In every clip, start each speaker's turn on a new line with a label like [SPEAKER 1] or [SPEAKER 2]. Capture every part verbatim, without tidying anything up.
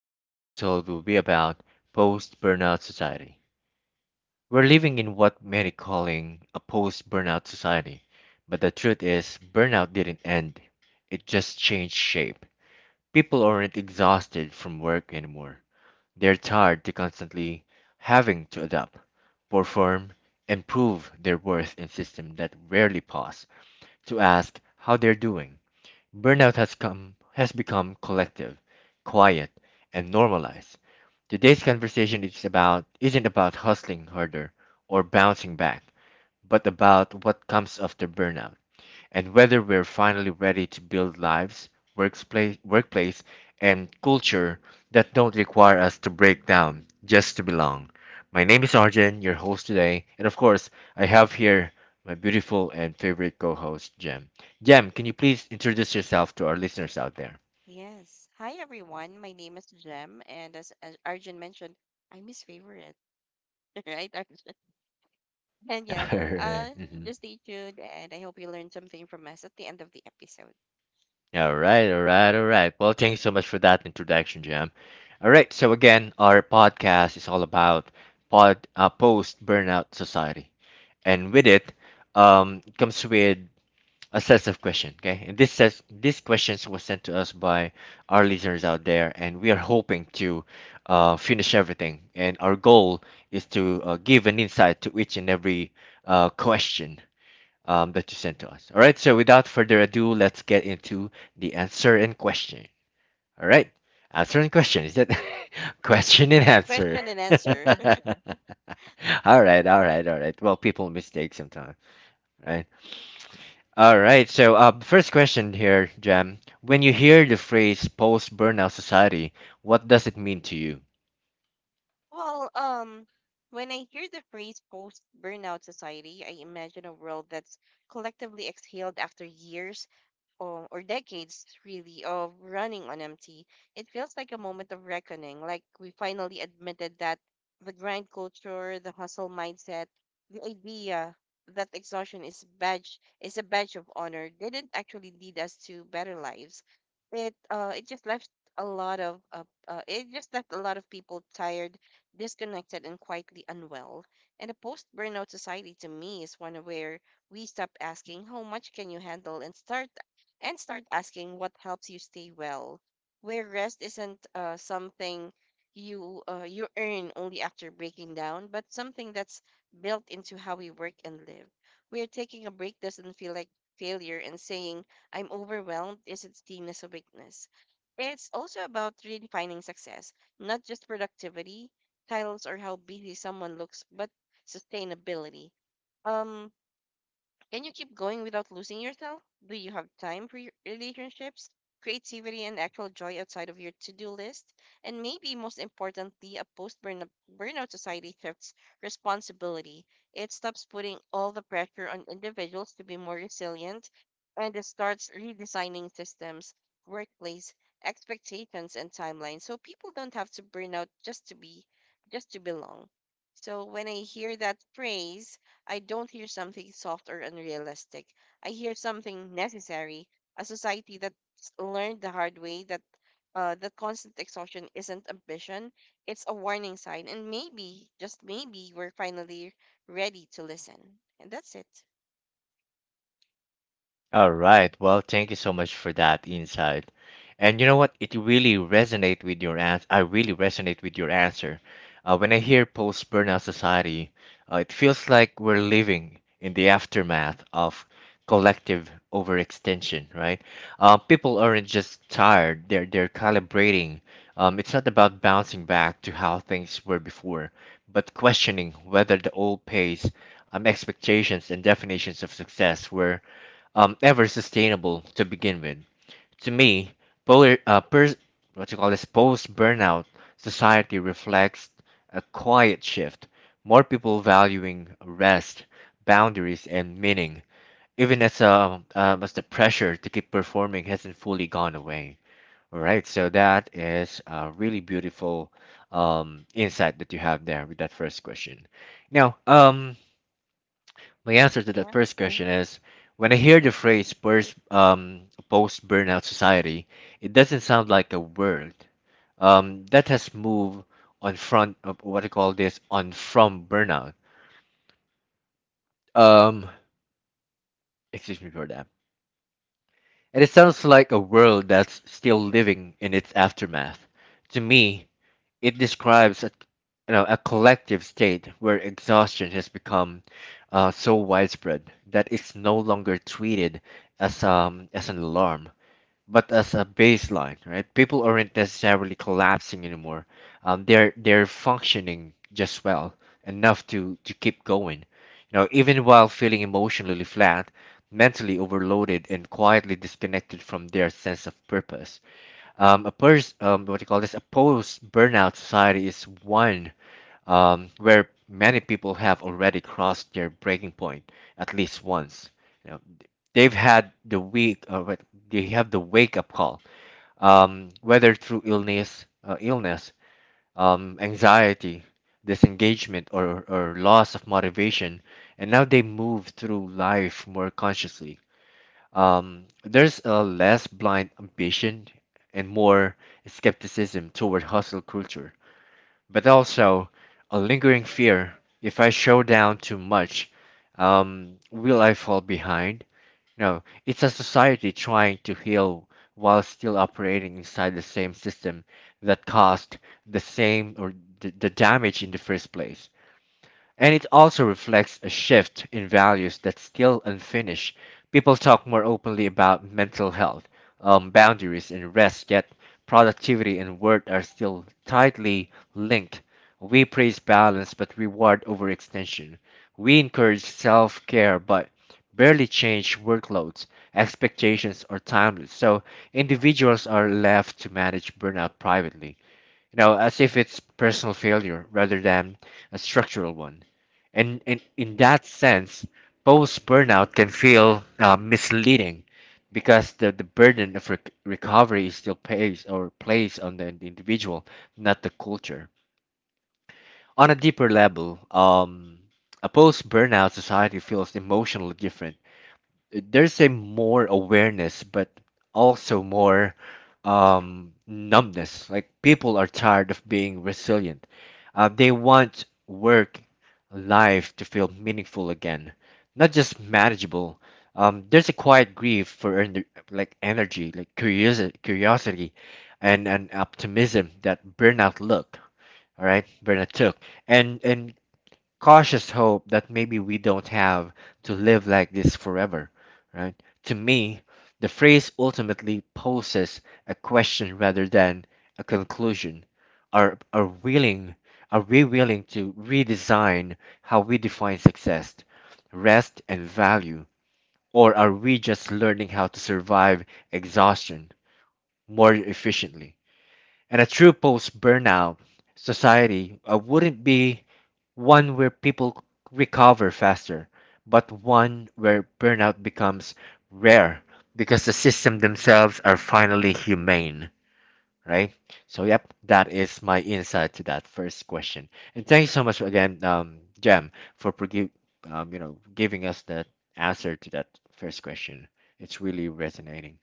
[SPEAKER 1] Today's episode will be about post burnout society. We're living in what many calling a post burnout society, but the truth is, burnout didn't end, it just changed shape. People aren't exhausted from work anymore, they're tired to constantly having to adapt, perform, and prove their worth in systems that rarely pause to ask how they're doing. Burnout has come has become collective, quiet, and normalized. Today's conversation is about isn't about hustling harder or bouncing back, but about what comes after burnout and whether we're finally ready to build lives, workplace, workplace, and culture that don't require us to break down just to belong. My name is Arjun, your host today, and of course, I have here my beautiful and favorite co-host, Jem. Jem, can you please introduce yourself to our listeners out there?
[SPEAKER 2] Yes. Hi, everyone. My name is Jem, and as, as Arjun mentioned, I'm his favorite, right, Arjun? And yeah,
[SPEAKER 1] All right.
[SPEAKER 2] uh,
[SPEAKER 1] Mhm.
[SPEAKER 2] just stay tuned, and I hope you learned something from us at the end of the episode.
[SPEAKER 1] All right, all right, all right. Well, thank you so much for that introduction, Jam. All right, so again, our podcast is all about pod, uh, post burnout society. And with it um, comes with a set of questions, okay? And this says these questions were sent to us by our listeners out there, and we are hoping to uh, finish everything, and our goal is to uh, give an insight to each and every uh, question um, that you sent to us. All right, so without further ado, let's get into the answer and question. All right, answer and question is that question and answer.
[SPEAKER 2] Question and answer.
[SPEAKER 1] All right, all right, all right. Well, people mistake sometimes, right? All right. So, uh, first question here, Jam. When you hear the phrase post burnout society, what does it mean to you?
[SPEAKER 2] Well, um, when I hear the phrase post-burnout society, I imagine a world that's collectively exhaled after years or, or decades really of running on empty. It feels like a moment of reckoning, like we finally admitted that the grind culture, the hustle mindset, the idea that exhaustion is badge is a badge of honor didn't actually lead us to better lives. It uh it just left a lot of uh, uh it just left a lot of people tired, disconnected, and quietly unwell. And a post burnout society to me is one where we stop asking how much can you handle and start and start asking what helps you stay well, where rest isn't uh, something you uh, you earn only after breaking down, but something that's built into how we work and live, where taking a break doesn't feel like failure, and saying I'm overwhelmed isn't seen as a weakness. It's also about redefining success, not just productivity, titles, or how busy someone looks, but sustainability. Um, can you keep going without losing yourself? Do you have time for your relationships, creativity, and actual joy outside of your to do list? And maybe most importantly, a post burnout society shifts responsibility. It stops putting all the pressure on individuals to be more resilient, and it starts redesigning systems, workplace, expectations, and timelines so people don't have to burn out just to be, just to belong. So when I hear that phrase, I don't hear something soft or unrealistic. I hear something necessary, a society that's learned the hard way that uh, that constant exhaustion isn't ambition, it's a warning sign, and maybe, just maybe, we're finally ready to listen. And that's it.
[SPEAKER 1] All right. Well, thank you so much for that insight. And you know what? It really resonate with your answer. I really resonate with your answer. Uh, when I hear post burnout society, uh, it feels like we're living in the aftermath of collective overextension, right? Uh, people aren't just tired; they're they're calibrating. Um, it's not about bouncing back to how things were before, but questioning whether the old pace, um, expectations, and definitions of success were um, ever sustainable to begin with. To me, polar, uh, pers- what you call this post burnout society reflects a quiet shift, more people valuing rest, boundaries, and meaning, even as, uh, um, as the pressure to keep performing hasn't fully gone away. All right, so that is a really beautiful um, insight that you have there with that first question. Now, um, my answer to
[SPEAKER 2] Yeah.
[SPEAKER 1] that first question is when I hear
[SPEAKER 2] Mhm.
[SPEAKER 1] the phrase post, um, post burnout society, it doesn't sound like a word um, that has moved on front of what I call this on from burnout. Um, Excuse me for that. And it sounds like a world that's still living in its aftermath. To me, it describes a, you know, a collective state where exhaustion has become uh, so widespread that it's no longer treated as um as an alarm, but as a baseline, right? People aren't necessarily collapsing anymore. Um, they're they're functioning just well enough to to keep going. You know, even while feeling emotionally flat, mentally overloaded, and quietly disconnected from their sense of purpose. Um, a pers- um, what do you call this? A post-burnout society is one um, where many people have already crossed their breaking point at least once. You know, they've had the week, uh, what- they have the wake-up call, um, whether through illness, uh, illness, um, anxiety, disengagement, or or loss of motivation, and now they move through life more consciously. Um, there's a less blind ambition and more skepticism toward hustle culture, but also a lingering fear: if I show down too much, um, will I fall behind? No, it's a society trying to heal while still operating inside the same system that caused the same or the, the damage in the first place. And it also reflects a shift in values that's still unfinished. People talk more openly about mental health, um, boundaries, and rest, yet productivity and work are still tightly linked. We praise balance but reward overextension. We encourage self care but barely change workloads, expectations, or timelines. So individuals are left to manage burnout privately, you know, as if it's personal failure rather than a structural one. And, and in that sense, post burnout can feel uh, misleading because the, the burden of rec- recovery is still pays or placed on the individual, not the culture. On a deeper level, um, a post burnout society feels emotionally different. There's a more awareness but also more um numbness. Like, people are tired of being resilient. Uh, they want work life to feel meaningful again, not just manageable. Um there's a quiet grief for ener- like energy, like curiosity curiosity and an optimism that burnout look all right burnout took, and and cautious hope that maybe we don't have to live like this forever, right? To me, the phrase ultimately poses a question rather than a conclusion. Are are willing are we willing to redesign how we define success, rest and value, or are we just learning how to survive exhaustion more efficiently? And a true post burnout society uh, wouldn't be one where people recover faster, but one where burnout becomes rare because the system themselves are finally humane, right? So, yep, that is my insight to that first question. And thank you so much again, um, Jem, for produ- um, you know, giving us that answer to that first question. It's really resonating.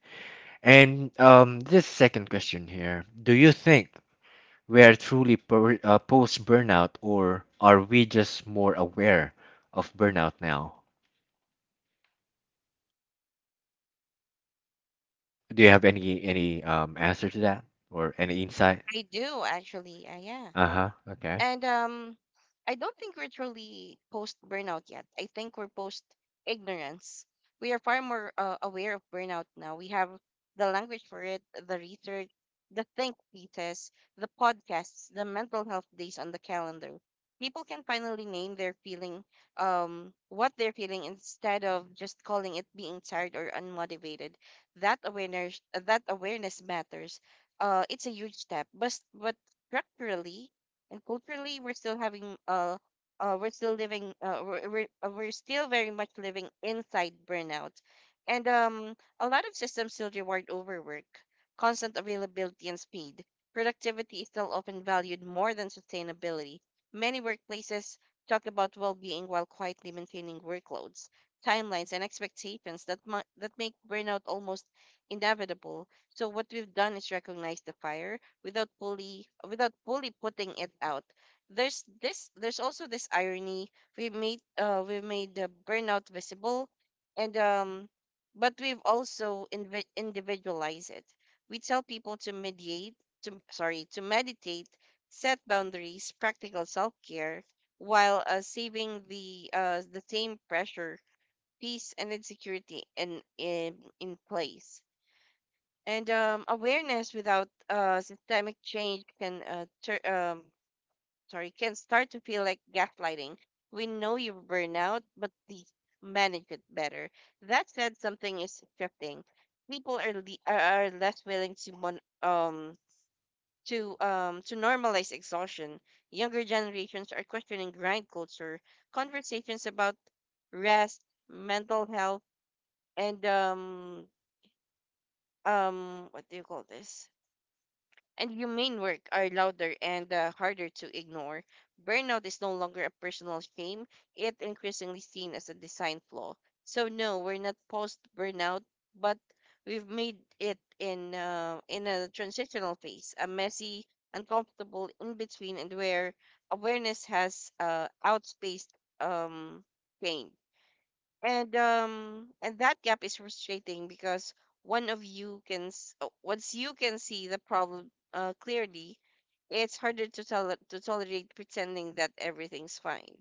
[SPEAKER 1] And um, this second question here: do you think we are truly per, uh, post burnout, or are we just more aware of burnout now? Do you have any any um, answer to that or any insight?
[SPEAKER 2] I do, actually. Uh, yeah.
[SPEAKER 1] Uh huh. Okay.
[SPEAKER 2] And um, I don't think we're truly post burnout yet. I think we're post ignorance. We are far more uh, aware of burnout now. We have the language for it, the research, the think pieces, the podcasts, the mental health days on the calendar. People can finally name their feeling, um, what they're feeling, instead of just calling it being tired or unmotivated. That awareness, that awareness matters. Uh, it's a huge step, but but structurally and culturally we're still having uh uh we're still living uh we're we're, uh, we're still very much living inside burnout, and um a lot of systems still reward overwork, constant availability, and speed. Productivity is still often valued more than sustainability. Many workplaces talk about well-being while quietly maintaining workloads, timelines, and expectations that mu- that make burnout almost inevitable. So what we've done is recognize the fire without fully without fully putting it out. There's this there's also this irony. We've made uh we've made the burnout visible and um but we've also invi- individualized it. We tell people to mediate to sorry, to meditate, set boundaries, practical self-care, while uh, saving the uh the same pressure, peace, and insecurity in in in place, and um, awareness without uh, systemic change can uh, tur um, sorry can start to feel like gaslighting. We know you burn out, but please manage it better. That said, something is shifting. People are le are are less willing to mon um to um to normalize exhaustion. Younger generations are questioning grind culture. Conversations about rest, mental health, and um um what do you call this? And humane work are louder and uh, harder to ignore. Burnout is no longer a personal shame, it increasingly seen as a design flaw. So no, we're not post burnout, but we've made it in uh, in a transitional phase, a messy, uncomfortable in between, and where awareness has uh, outspaced um change, and um and that gap is frustrating because one of you can s- uh, once you can see the problem uh, clearly, it's harder to tell to tolerate pretending that everything's fine.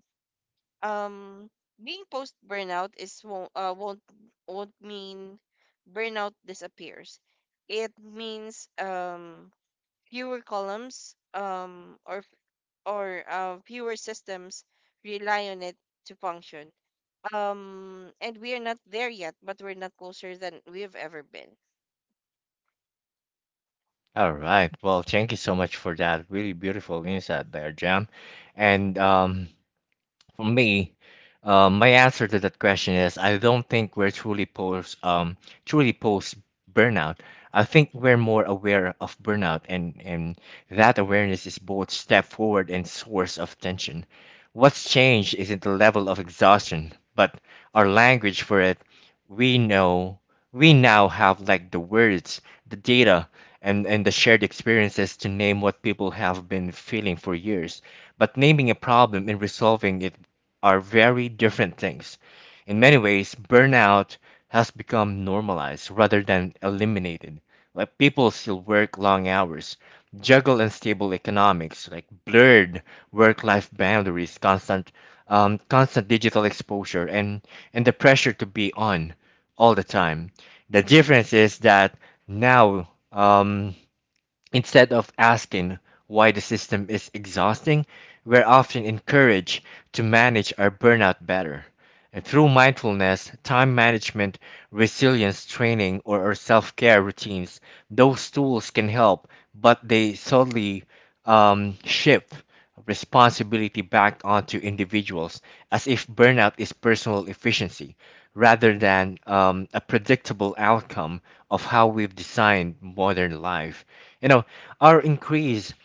[SPEAKER 2] Um being post burnout is won't uh, won't won't mean burnout disappears. It means um fewer columns um or or uh, fewer systems rely on it to function. Um, and we are not there yet, but we're not closer than we have ever been.
[SPEAKER 1] All right. Well, thank you so much for that really beautiful insight there, Jam. And um, for me, um, my answer to that question is I don't think we're truly post um truly post burnout. I think we're more aware of burnout, and and that awareness is both step forward and source of tension. What's changed isn't the level of exhaustion, but our language for it. We know we now have like the words, the data, and and the shared experiences to name what people have been feeling for years. But naming a problem and resolving it are very different things. In many ways, burnout has become normalized rather than eliminated. Like, people still work long hours, juggle unstable economics, like blurred work-life boundaries, constant, um, constant digital exposure, and and the pressure to be on all the time. The difference is that now, um, instead of asking why the system is exhausting, we're often encouraged to manage our burnout better. And through mindfulness, time management, resilience training, or our self care routines, those tools can help, but they subtly um, shift responsibility back onto individuals, as if burnout is personal efficiency rather than um, a predictable outcome of how we've designed modern life. You know, our increase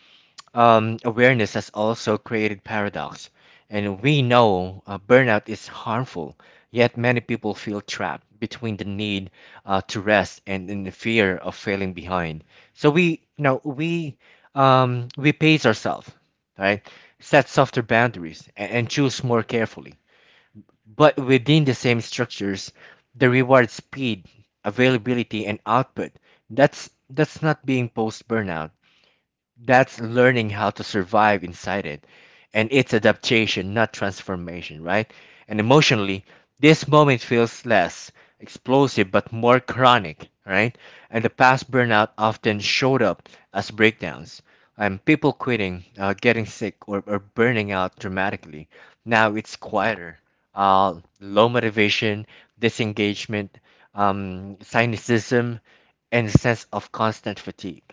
[SPEAKER 1] um, awareness has also created paradox. And we know uh, burnout is harmful, yet many people feel trapped between the need uh, to rest and in the fear of failing behind. So we, you know, we um, we pace ourselves, right? Set softer boundaries, and, and choose more carefully. But within the same structures, the reward speed, availability, and output. That's that's not being post burnout, that's learning how to survive inside it. And it's adaptation, not transformation, right? And emotionally, this moment feels less explosive but more chronic, right? And the past burnout often showed up as breakdowns, and people quitting, uh, getting sick, or, or burning out dramatically. Now it's quieter. Uh, low motivation, disengagement, um, cynicism, and a sense of constant fatigue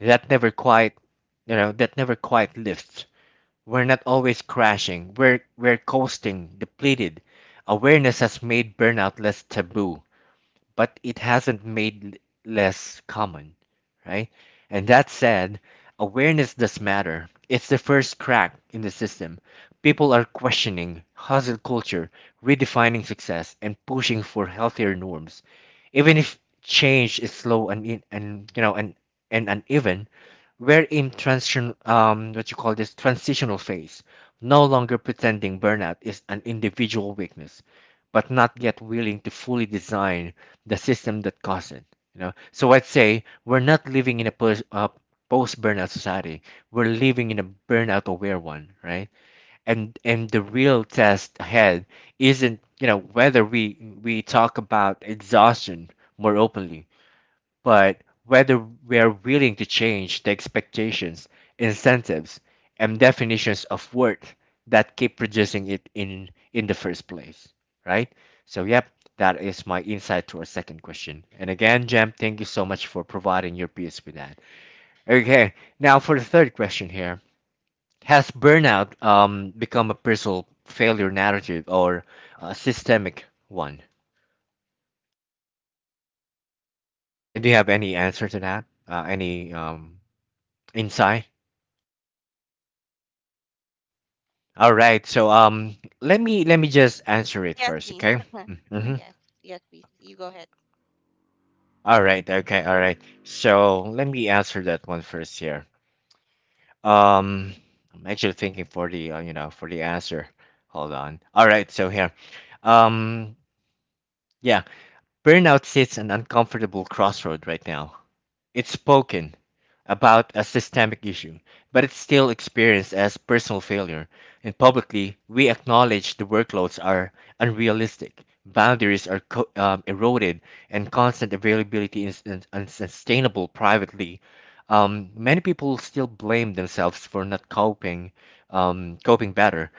[SPEAKER 1] that never quite, you know, that never quite lifts. We're not always crashing, we're we're coasting depleted. Awareness has made burnout less taboo, but it hasn't made l- less common, right? And that said, awareness does matter. It's the first crack in the system. People are questioning hustle culture, redefining success, and pushing for healthier norms, even if change is slow and in- and you know, and and uneven. We're in transition, um, what you call this transitional phase, no longer pretending burnout is an individual weakness, but not yet willing to fully design the system that caused it. You know, so I'd say we're not living in a post, uh, post-burnout society. We're living in a burnout-aware one, right? And and the real test ahead isn't, you know, whether we we talk about exhaustion more openly, but whether we are willing to change the expectations, incentives, and definitions of worth that keep producing it in in the first place, right? So, yep, that is my insight to our second question. And again, Jem, thank you so much for providing your piece with that. Okay, now for the third question here. Has burnout um, become a personal failure narrative or a systemic one? And do you have any answer to that? Uh, any um, insight? All right. So um, let me let me just answer it
[SPEAKER 2] Yes,
[SPEAKER 1] first,
[SPEAKER 2] please.
[SPEAKER 1] okay? Mm-hmm.
[SPEAKER 2] Yes, yes, please. You go ahead.
[SPEAKER 1] All right. Okay. All right. So let me answer that one first here. Um, I'm actually thinking for the uh, you know for the answer. Hold on. All right. So here, um, yeah, burnout sits an uncomfortable crossroad right now. It's spoken about as systemic issue, but it's still experienced as personal failure. And publicly, we acknowledge the workloads are unrealistic, boundaries are co- um, eroded, and constant availability is un- unsustainable privately. Um, many people still blame themselves for not coping, um, coping better,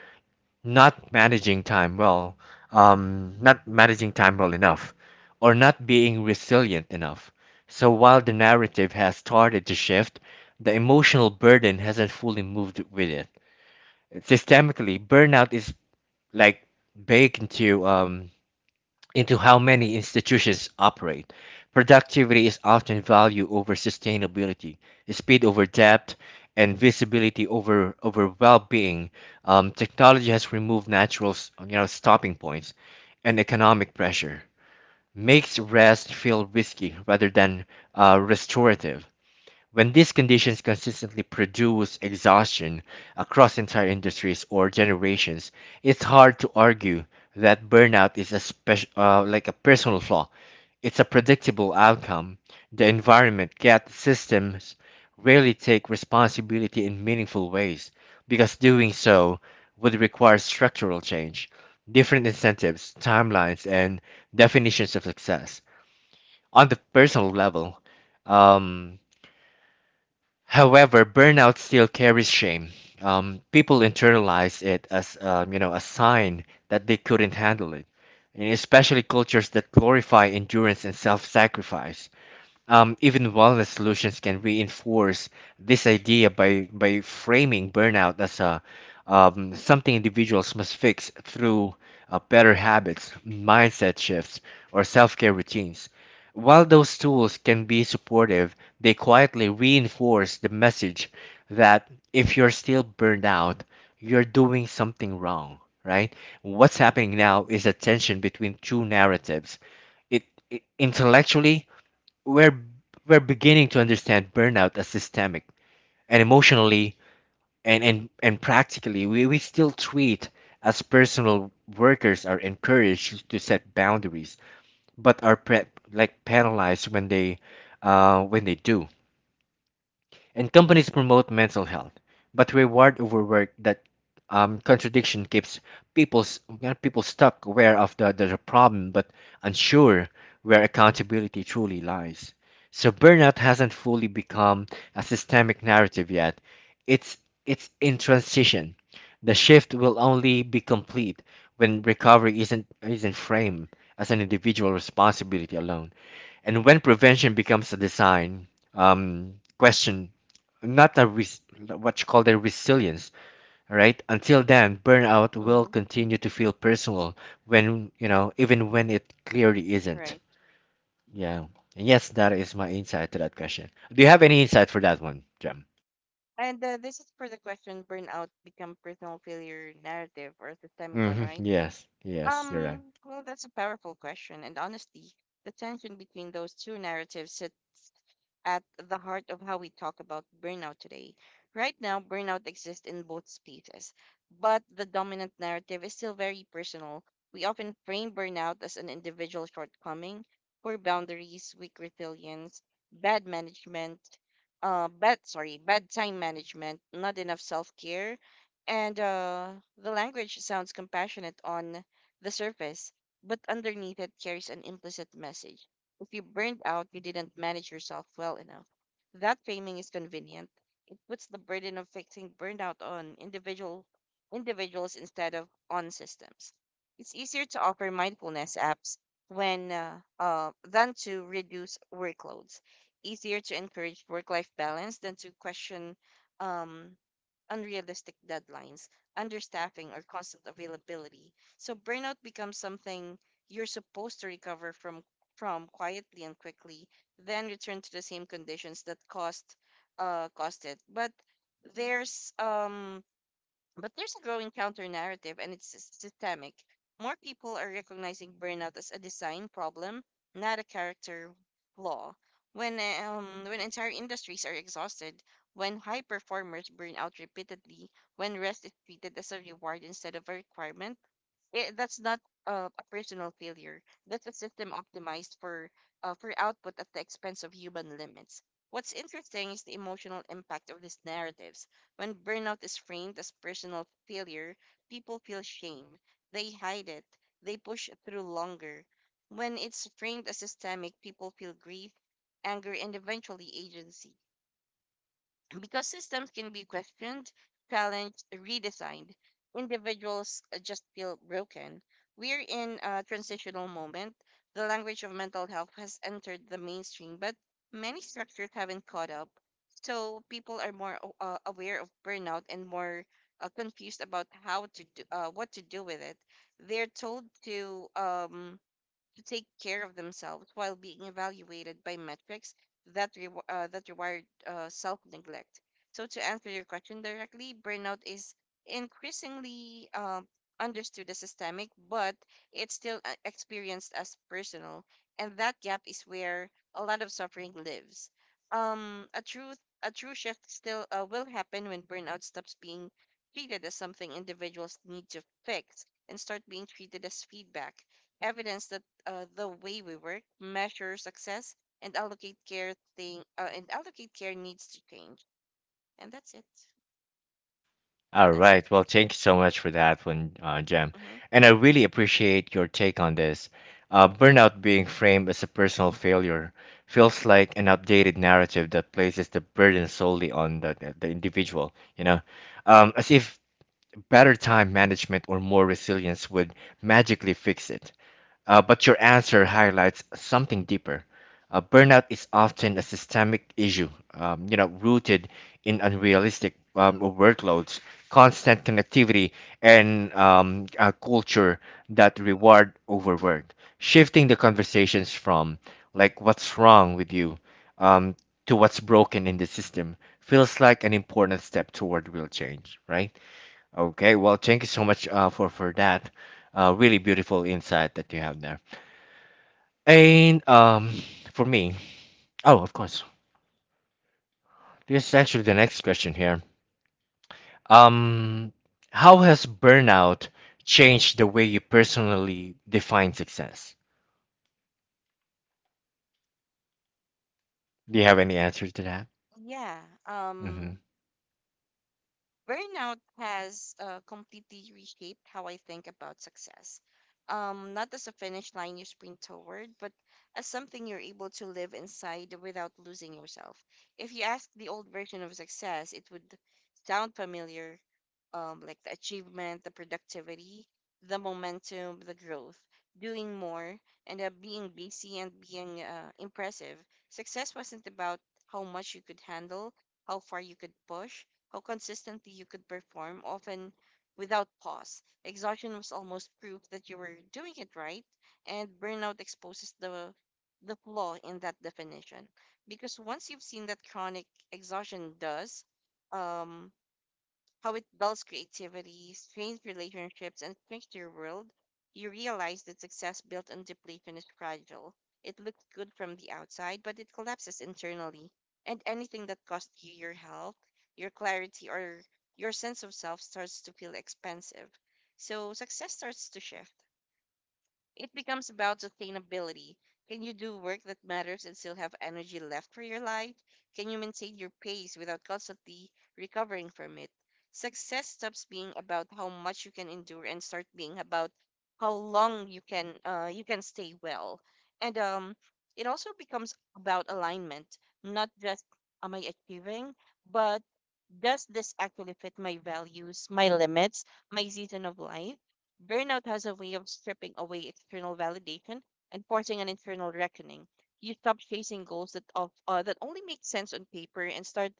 [SPEAKER 1] not managing time well, um, not managing time well enough, or not being resilient enough. So while the narrative has started to shift, the emotional burden hasn't fully moved with it. Systemically, burnout is like baked into um, into how many institutions operate. Productivity is often valued over sustainability, speed over depth, and visibility over, over well-being. Um, technology has removed natural, s- you know, stopping points and economic pressure. Makes rest feel risky rather than uh, restorative. When these conditions consistently produce exhaustion across entire industries or generations, it's hard to argue that burnout is a special, uh, like a personal flaw. It's a predictable outcome. The environment, yet systems rarely take responsibility in meaningful ways because doing so would require structural change, different incentives, timelines, and definitions of success. On the personal level, um, However, burnout still carries shame. Um, people internalize it as um, you know a sign that they couldn't handle it, and especially cultures that glorify endurance and self-sacrifice. Um, even wellness solutions can reinforce this idea by, by framing burnout as a, um, something individuals must fix through uh, better habits, mindset shifts, or self care routines. While those tools can be supportive, they quietly reinforce the message that if you're still burned out, you're doing something wrong, right? What's happening now is a tension between two narratives it, it Intellectually, we're we're beginning to understand burnout as systemic, and emotionally and and, and practically, we, we still treat as personal. Workers are encouraged to set boundaries but are pre- like penalized when they uh, when they do, and companies promote mental health, but reward overwork. That um, contradiction keeps people uh, people stuck, aware of the, the problem but unsure where accountability truly lies. So burnout hasn't fully become a systemic narrative yet. It's it's in transition. The shift will only be complete when recovery isn't isn't framed as an individual responsibility alone, and when prevention becomes a design um, question, not a res- what you call their resilience, right? Until then, burnout will
[SPEAKER 2] Mm-hmm.
[SPEAKER 1] continue to feel personal when you know even when it clearly isn't.
[SPEAKER 2] Right.
[SPEAKER 1] Yeah, and yes, that is my insight to that question. Do you have any insight for that one, Jem?
[SPEAKER 2] And uh, this is for the question burnout become personal failure narrative or systemic one,
[SPEAKER 1] Hmm,
[SPEAKER 2] right?
[SPEAKER 1] yes, yes, you're right.
[SPEAKER 2] Um, well, that's a powerful question. And honestly, the tension between those two narratives at the heart of how we talk about burnout today. Right now, burnout exists in both spaces, but the dominant narrative is still very personal. We often frame burnout as an individual shortcoming, poor boundaries, weak resilience, bad management, uh, bad sorry, bad time management, not enough self care, and uh, the language sounds compassionate on the surface, but underneath it carries an implicit message. If you burned out, you didn't manage yourself well enough. That framing is convenient. It puts the burden of fixing burnout on individual individuals instead of on systems. It's easier to offer mindfulness apps when uh, uh, than to reduce workloads. Easier to encourage work-life balance than to question um, unrealistic deadlines, understaffing, or constant availability. So burnout becomes something you're supposed to recover from from quietly and quickly, then return to the same conditions that caused uh caused it. But there's um but there's a growing counter narrative, and it's s- systemic. More people are recognizing burnout as a design problem, not a character flaw. When um, when entire industries are exhausted, when high performers burn out repeatedly, when rest is treated as a reward instead of a requirement, it, that's not uh, a personal failure. That's a system optimized for uh, for output at the expense of human limits. What's interesting is the emotional impact of these narratives. When burnout is framed as personal failure, people feel shame. They hide it. They push through longer. When it's framed as systemic, people feel grief, anger, and eventually agency, because systems can be questioned, challenged, redesigned. Individuals uh, just feel broken. We're in a transitional moment. The language of mental health has entered the mainstream, but many structures haven't caught up. So people are more a- uh, aware of burnout and more uh, confused about how to do, uh, what to do with it. They're told to um, to take care of themselves while being evaluated by metrics that re- uh, that reward uh, self neglect. So to answer your question directly, burnout is increasingly um, understood as systemic, but it's still uh, experienced as personal, and that gap is where a lot of suffering lives. Um, a true a true shift still uh, will happen when burnout stops being treated as something individuals need to fix and start being treated as feedback, evidence that uh, the way we work, measure success, and allocate care thing uh, and allocate care needs to change. And that's it.
[SPEAKER 1] All
[SPEAKER 2] That's it.
[SPEAKER 1] right. Well, thank you so much for that one, uh, Jem.
[SPEAKER 2] Hmm.
[SPEAKER 1] And I really appreciate your take on this. Uh, burnout being framed as a personal failure feels like an updated narrative that places the burden solely on the, the, the individual, you know, um, as if better time management or more resilience would magically fix it. Uh, but your answer highlights something deeper. Uh, burnout is often a systemic issue, um, you know, rooted in unrealistic um, workloads, constant connectivity, and um, a culture that reward overwork. Shifting the conversations from like what's wrong with you um, to what's broken in the system feels like an important step toward real change, right? Okay, well, thank you so much uh, for for that. Uh, really beautiful insight that you have there. And um, for me, oh, of course, this is actually the next question here. Um, how has burnout changed the way you personally define success? Do you have any answer to that?
[SPEAKER 2] Yeah.
[SPEAKER 1] Mm-hmm.
[SPEAKER 2] Um, Burnout has uh, completely reshaped how I think about success. Um, not as a finish line you sprint toward, but as something you're able to live inside without losing yourself. If you ask the old version of success, it would sound familiar: um, like the achievement, the productivity, the momentum, the growth, doing more, and uh, being busy and being uh, impressive. Success wasn't about how much you could handle, how far you could push, how consistently you could perform, often without pause. Exhaustion was almost proof that you were doing it right, and burnout exposes the the flaw in that definition, because once you've seen that chronic exhaustion does, um, how it dulls creativity, strains relationships, and shrinks your world, you realize that success built on depletion is fragile. It looks good from the outside, but it collapses internally. And anything that costs you your health, your clarity, or your sense of self starts to feel expensive. So success starts to shift. It becomes about sustainability. Can you do work that matters and still have energy left for your life? Can you maintain your pace without constantly recovering from it? Success stops being about how much you can endure and start being about how long you can uh, you can stay well. And um, it also becomes about alignment, not just am I achieving, but does this actually fit my values, my limits, my season of life? Burnout has a way of stripping away external validation and forcing an internal reckoning. You stop chasing goals that of uh, that only make sense on paper and start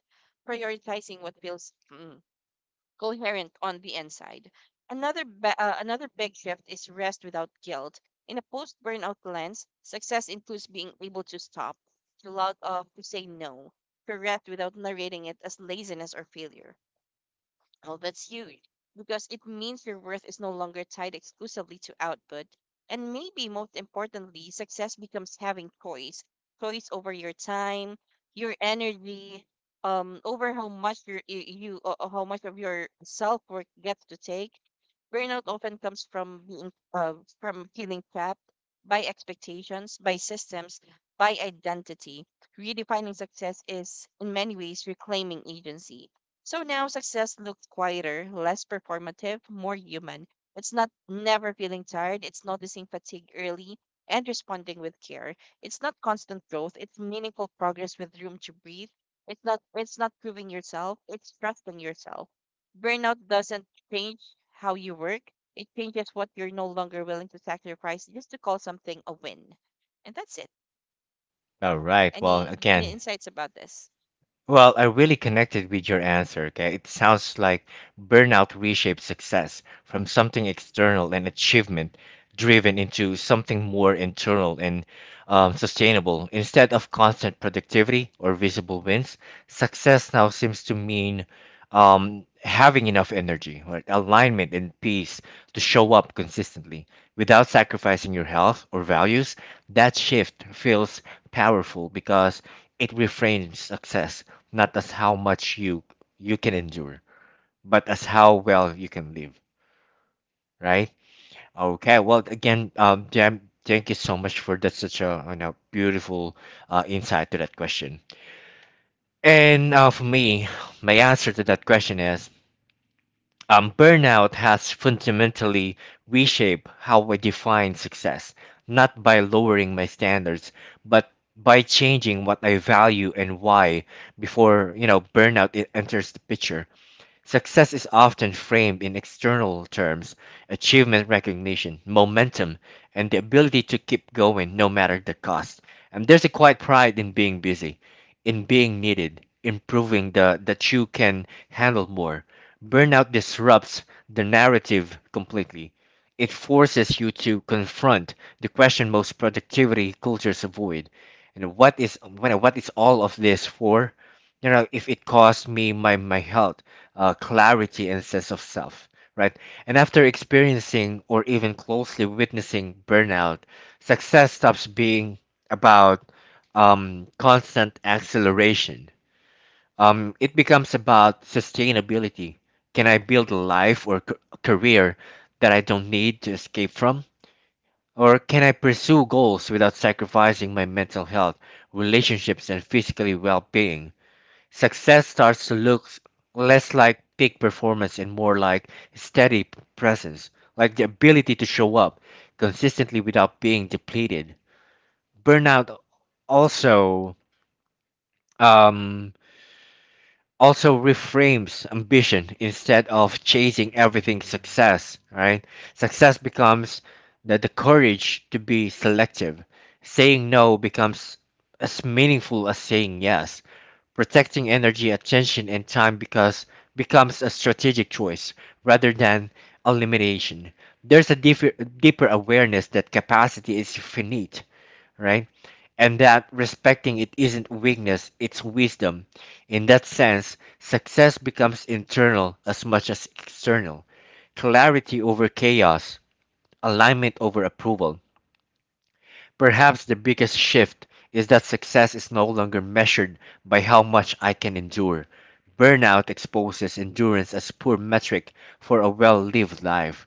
[SPEAKER 2] prioritizing what feels mm, coherent on the inside. Another ba- uh, another big shift is rest without guilt. In a post-burnout lens, success includes being able to stop, to log off, to say no, to rest without narrating it as laziness or failure. Well, that's huge because it means your worth is no longer tied exclusively to output. And maybe most importantly, success becomes having choice, choice over your time, your energy, um, over how much your, y- you, uh, uh, how much of your self work gets to take. Burnout often comes from being, uh, from feeling trapped by expectations, by systems, by identity. Redefining success is, in many ways, reclaiming agency. So now success looks quieter, less performative, more human. It's not never feeling tired, it's noticing fatigue early and responding with care. It's not constant growth, it's meaningful progress with room to breathe. It's not it's not proving yourself, it's trusting yourself. Burnout doesn't change how you work. It changes what you're no longer willing to sacrifice just to call something a win. And that's it.
[SPEAKER 1] All right. Well,
[SPEAKER 2] Any any
[SPEAKER 1] again,
[SPEAKER 2] insights about this?
[SPEAKER 1] well, I really connected with your answer. Okay, it sounds like burnout reshapes success from something external and achievement driven into something more internal and um, sustainable. Instead of constant productivity or visible wins, success now seems to mean um, having enough energy, right? Alignment, and peace to show up consistently without sacrificing your health or values. That shift feels powerful because it reframes success not as how much you you can endure, but as how well you can live, right? Okay. Well, again, um, Jam, thank you so much for that. Such a you know beautiful uh, insight to that question. And uh, for me, my answer to that question is Um, burnout has fundamentally reshaped how I define success, not by lowering my standards, but by changing what I value and why before, you know, burnout e- enters the picture. Success is often framed in external terms: achievement recognition, momentum, and the ability to keep going no matter the cost. And there's a quiet pride in being busy, in being needed, in proving the, that you can handle more. Burnout disrupts the narrative completely. It forces you to confront the question most productivity cultures avoid. And what is what, what is all of this for? You know, if it costs me my my health, uh, clarity, and sense of self, right? And after experiencing or even closely witnessing burnout, success stops being about um, constant acceleration. Um, it becomes about sustainability. Can I build a life or c- career that I don't need to escape from, or can I pursue goals without sacrificing my mental health, relationships, and physically well-being? Success starts to look s- less like peak performance and more like steady p- presence, like the ability to show up consistently without being depleted. Burnout also um, also reframes ambition. Instead of chasing everything success, right, success becomes the, the courage to be selective. Saying no becomes as meaningful as saying yes. Protecting energy attention and time because becomes a strategic choice rather than elimination. There's a deeper, deeper awareness that capacity is finite, right? And that respecting it isn't weakness, it's wisdom. In that sense, success becomes internal as much as external. Clarity over chaos, alignment over approval. Perhaps the biggest shift is that success is no longer measured by how much I can endure. Burnout exposes endurance as poor metric for a well-lived life.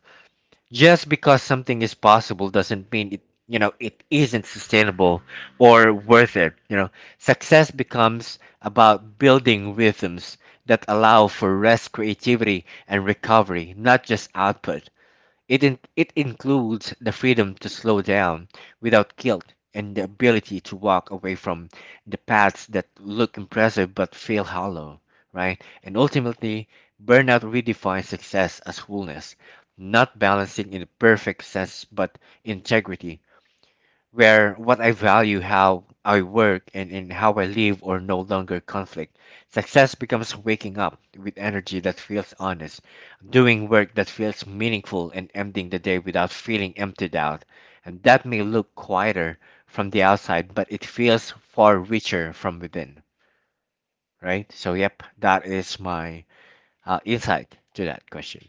[SPEAKER 1] Just because something is possible doesn't mean it, you know, it isn't sustainable or worth it. You know, success becomes about building rhythms that allow for rest, creativity, and recovery, not just output. It, in, it includes the freedom to slow down without guilt and the ability to walk away from the paths that look impressive but feel hollow, right? And ultimately, burnout redefines success as wholeness, not balancing in perfect sense but integrity, where what I value, how I work, and, and how I live or no longer conflict. Success becomes waking up with energy that feels honest, doing work that feels meaningful, and ending the day without feeling emptied out. And that may look quieter from the outside, but it feels far richer from within, right? So, yep, that is my uh, insight to that question.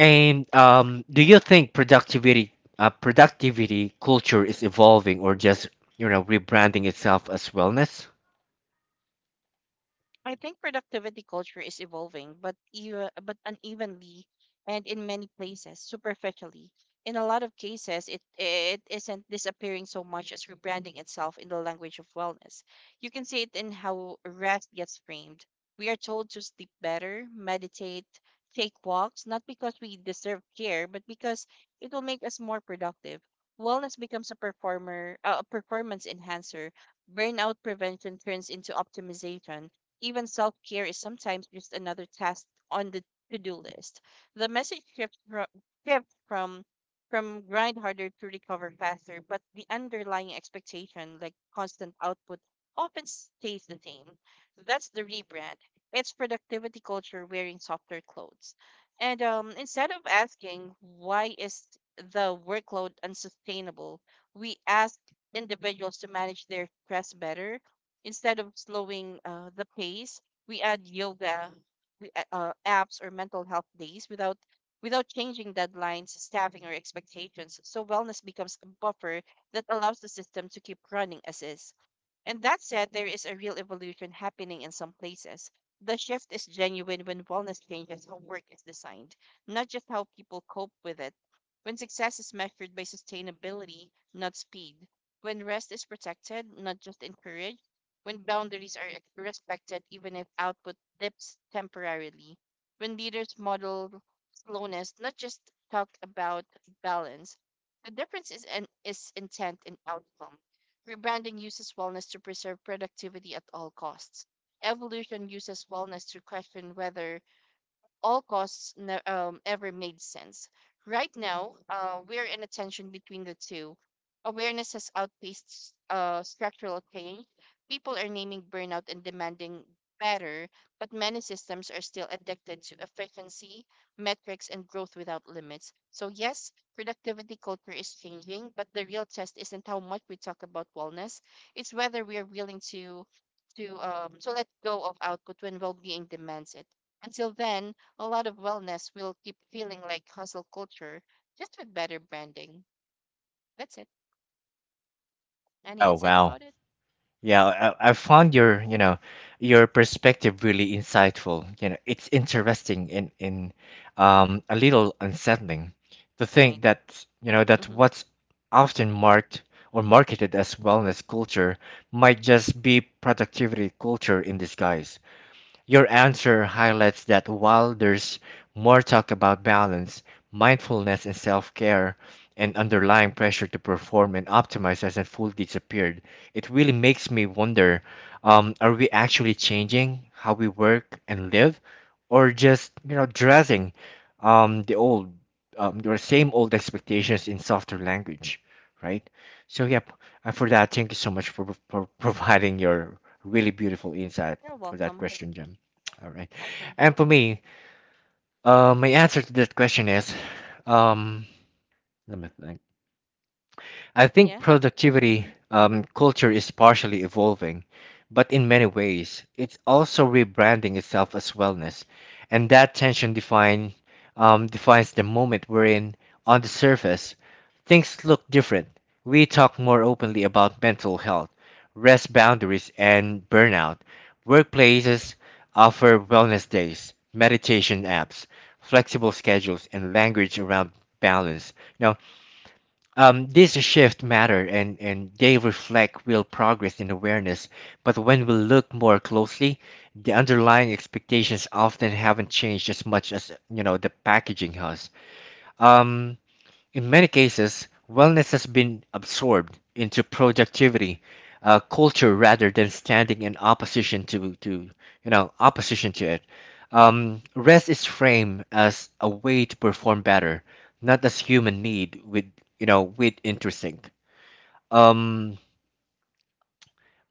[SPEAKER 1] And um, do you think productivity uh, productivity culture is evolving or just you know rebranding itself as wellness?
[SPEAKER 2] I think productivity culture is evolving, but even, but unevenly and in many places superficially. In a lot of cases, it it isn't disappearing so much as rebranding itself in the language of wellness. You can see it in how rest gets framed. We are told to sleep better, meditate, take walks, not because we deserve care, but because it will make us more productive. Wellness becomes a performer, uh, a performance enhancer. Burnout prevention turns into optimization. Even self care is sometimes just another task on the to do list. The message shifts from, shifts from from grind harder to recover faster, but the underlying expectation, like constant output, often stays the same. That's the rebrand. It's productivity culture wearing softer clothes. And um, instead of asking why is the workload unsustainable, we ask individuals to manage their stress better. Instead of slowing uh, the pace, we add yoga, we a- uh, apps or mental health days without without changing deadlines, staffing, or expectations. So wellness becomes a buffer that allows the system to keep running as is. And that said, there is a real evolution happening in some places. The shift is genuine when wellness changes how work is designed, not just how people cope with it. When success is measured by sustainability, not speed. When rest is protected, not just encouraged. When boundaries are ex- respected, even if output dips temporarily. When leaders model slowness, not just talk about balance. The difference is, an, is intent and outcome. Rebranding uses wellness to preserve productivity at all costs. Evolution uses wellness to question whether all costs ne- um, ever made sense. Right now, uh, we're in a tension between the two. Awareness has outpaced uh, structural change. People are naming burnout and demanding better, but many systems are still addicted to efficiency, metrics, and growth without limits. So yes, productivity culture is changing, but the real test isn't how much we talk about wellness, it's whether we are willing to. To, um, to let go of output when well being demands it. Until then, a lot of wellness will keep feeling like hustle culture, just with better branding. That's it. Any
[SPEAKER 1] Oh
[SPEAKER 2] insight
[SPEAKER 1] wow,
[SPEAKER 2] about it?
[SPEAKER 1] yeah, I, I found your you know your perspective really insightful. You know, it's interesting and in um, a little unsettling to think
[SPEAKER 2] Right.
[SPEAKER 1] that you know that
[SPEAKER 2] Mm-hmm.
[SPEAKER 1] what's often marked or marketed as wellness culture might just be productivity culture in disguise. Your answer highlights that while there's more talk about balance, mindfulness, and self care, and underlying pressure to perform and optimize hasn't fully disappeared, it really makes me wonder um, are we actually changing how we work and live, or just, you know, dressing um, the old, um, your same old expectations in softer language, right? So, yep, and for that, thank you so much for, for providing your really beautiful insight
[SPEAKER 2] You're
[SPEAKER 1] for that
[SPEAKER 2] welcome.
[SPEAKER 1] question, Jem. All right.
[SPEAKER 2] Welcome.
[SPEAKER 1] And for me, uh, my answer to that question is, um, let me think. I think
[SPEAKER 2] Yeah.
[SPEAKER 1] productivity
[SPEAKER 2] Mm-hmm.
[SPEAKER 1] um, culture is partially evolving, but in many ways, it's also rebranding itself as wellness, and that tension define um, defines the moment we're in. On the surface, things look different. We talk more openly about mental health, rest boundaries, and burnout. Workplaces offer wellness days, meditation apps, flexible schedules, and language around balance. Now um, this shift matter and, and they reflect real progress in awareness, but when we look more closely, the underlying expectations often haven't changed as much as you know the packaging has. Um, in many cases, wellness has been absorbed into productivity uh, culture rather than standing in opposition to, to you know opposition to it. Um, rest is framed as a way to perform better, not as human need with you know with intersync. Um,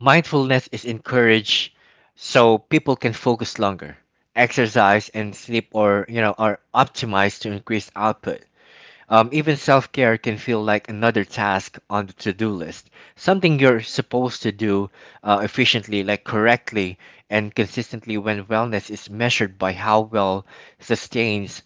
[SPEAKER 1] Mindfulness is encouraged so people can focus longer. Exercise and sleep or you know are optimized to increase output. Um, even self care can feel like another task on the to do list, something you're supposed to do uh, efficiently, like correctly and consistently. When wellness is measured by how well sustained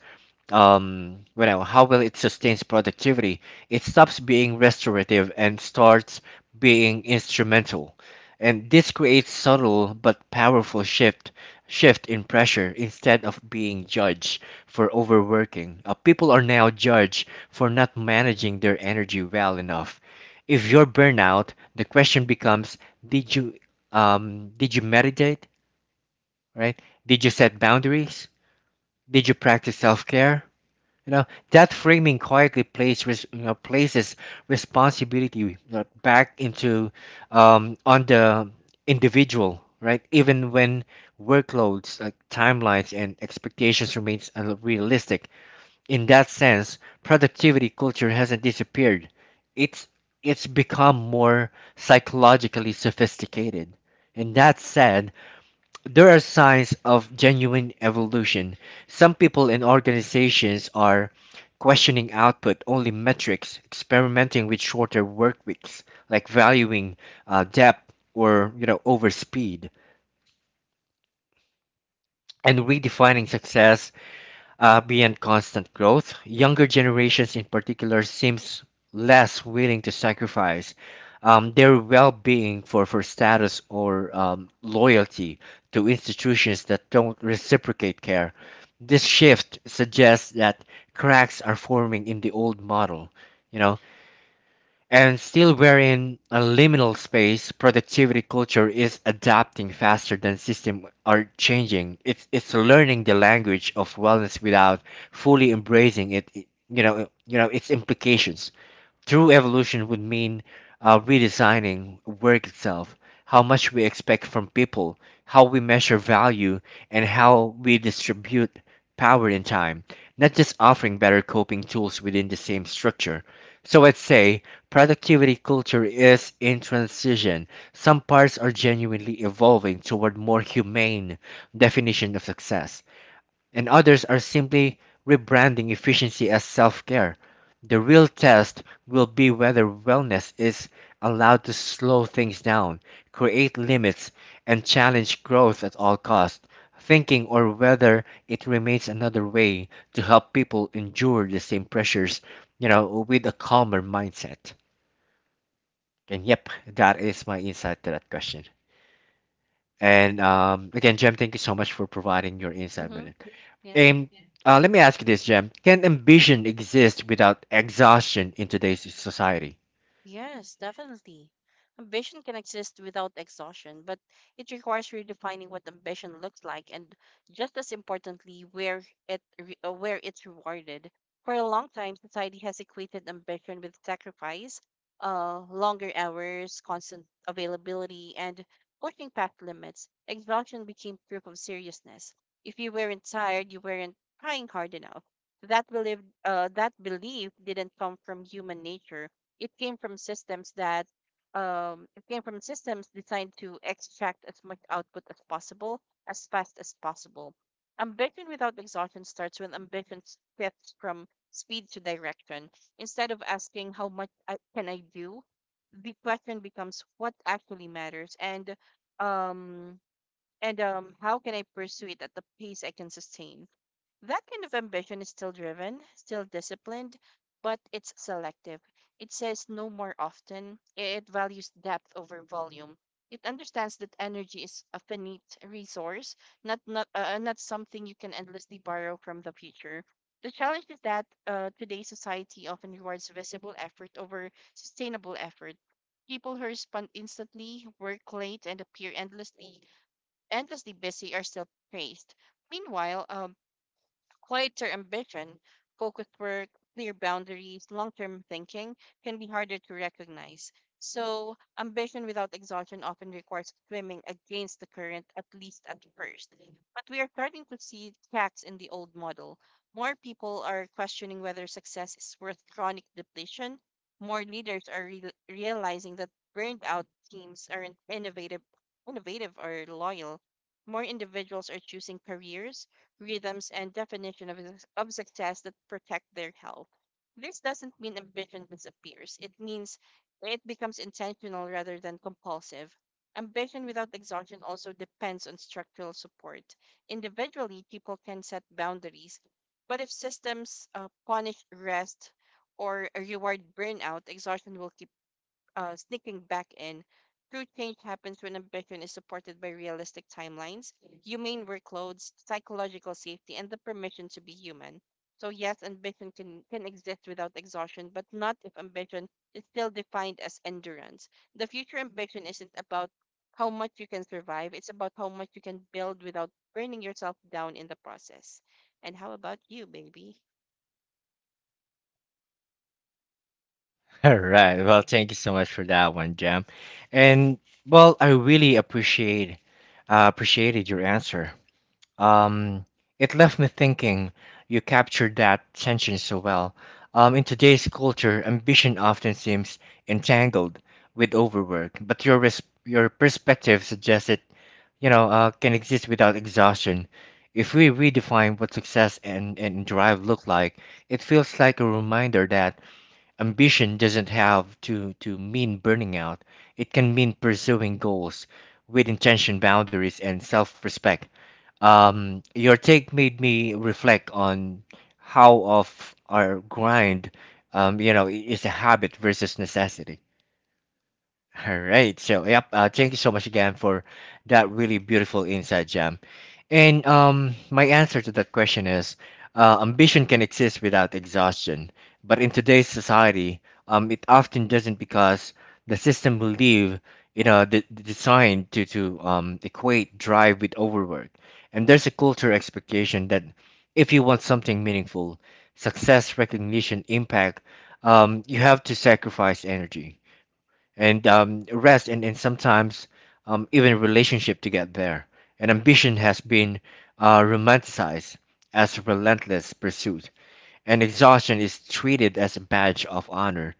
[SPEAKER 1] um you know how well it sustains productivity, it stops being restorative and starts being instrumental. And this creates subtle but powerful shift shift in pressure. Instead of being judged for overworking, uh, people are now judged for not managing their energy well enough. If you're burnout, the question becomes, did you um did you meditate, right? Did you set boundaries? Did you practice self-care? you know, that framing quietly places res- you know, places responsibility, you know, back into, um, on the individual, right? Even when workloads, like timelines, and expectations remains unrealistic. In that sense, productivity culture hasn't disappeared. It's it's become more psychologically sophisticated. And that said, there are signs of genuine evolution. Some people and organizations are questioning output only metrics, experimenting with shorter work weeks, like valuing uh, depth or you know over speed, and redefining success uh, beyond constant growth. Younger generations in particular seems less willing to sacrifice um, their well-being for, for status or um, loyalty to institutions that don't reciprocate care. This shift suggests that cracks are forming in the old model, you know, and still, we're in a liminal space. Productivity culture is adapting faster than systems are changing. It's it's learning the language of wellness without fully embracing it. it- You know, you know its implications. True evolution would mean uh, redesigning work itself, how much we expect from people, how we measure value, and how we distribute power and time, not just offering better coping tools within the same structure. So I'd say productivity culture is in transition. Some parts are genuinely evolving toward more humane definition of success, and others are simply rebranding efficiency as self care. The real test will be whether wellness is allowed to slow things down, create limits, and challenge growth at all costs, thinking, or whether it remains another way to help people endure the same pressures, you know, with a calmer mindset. And yep, that is my insight to that question. And um, again, Jem, thank you so much for providing your insight
[SPEAKER 2] Mm-hmm.
[SPEAKER 1] with it.
[SPEAKER 2] Yeah.
[SPEAKER 1] And uh, let me ask you this, Jem. Can ambition exist without exhaustion in today's society?
[SPEAKER 2] Yes, definitely. Ambition can exist without exhaustion, but it requires redefining what ambition looks like and, just as importantly, where it re- uh, where it's rewarded. For a long time, society has equated ambition with sacrifice, uh, longer hours, constant availability, and pushing past limits. Exhaustion became proof of seriousness. If you weren't tired, you weren't trying hard enough. That belief, uh, that belief didn't come from human nature, it came from systems that um, it came from systems designed to extract as much output as possible as fast as possible. Ambition without exhaustion starts when ambition shifts from speed to direction. Instead of asking how much I, can I do, the question becomes what actually matters and um and um how can I pursue it at the pace I can sustain. That kind of ambition is still driven, still disciplined, but it's selective. It says no more often. It values depth over volume. It understands that energy is a finite resource, not not uh, uh, not something you can endlessly borrow from the future. The challenge is that, uh, today's society often rewards visible effort over sustainable effort. People who respond instantly, work late, and appear endlessly endlessly busy are still praised. Meanwhile, um, quieter ambition, focused work, clear boundaries, long term thinking can be harder to recognize. So ambition without exhaustion often requires swimming against the current, at least at first. But we are starting to see cracks in the old model. More people are questioning whether success is worth chronic depletion. More leaders are real realizing that burned out teams aren't innovative, innovative or loyal. More individuals are choosing careers, rhythms, and definition of, s- of success that protect their health. This doesn't mean ambition disappears. It means it becomes intentional rather than compulsive. Ambition without exhaustion also depends on structural support. Individually, people can set boundaries, but if systems uh, punish rest or reward burnout, exhaustion will keep uh, sneaking back in. True change happens when ambition is supported by realistic timelines, humane workloads, psychological safety, and the permission to be human. So yes, ambition can, can exist without exhaustion, but not if ambition is still defined as endurance. The future ambition isn't about how much you can survive, it's about how much you can build without burning yourself down in the process. And how about you, baby?
[SPEAKER 1] All right. Well, thank you so much for that one, Jem. And well, I really appreciate uh, appreciated your answer. Um, it left me thinking you captured that tension so well. Um, in today's culture, ambition often seems entangled with overwork, but your res- your perspective suggests it, you know, uh, can exist without exhaustion. If we redefine what success and, and drive look like, it feels like a reminder that ambition doesn't have to, to mean burning out. It can mean pursuing goals with intention, boundaries, and self-respect. Um, your take made me reflect on how of our grind, um, you know, i- is a habit versus necessity. All right. So, yep. Uh, thank you so much again for that really beautiful insight, Jam. And um, my answer to that question is uh, ambition can exist without exhaustion. But in today's society, um, it often doesn't because the system believe, you know, the, the design to, to um, equate drive with overwork. And there's a culture expectation that if you want something meaningful, success, recognition, impact, um, you have to sacrifice energy and um, rest and, and sometimes um, even relationship to get there. And ambition has been uh, romanticized as relentless pursuit, and exhaustion is treated as a badge of honor,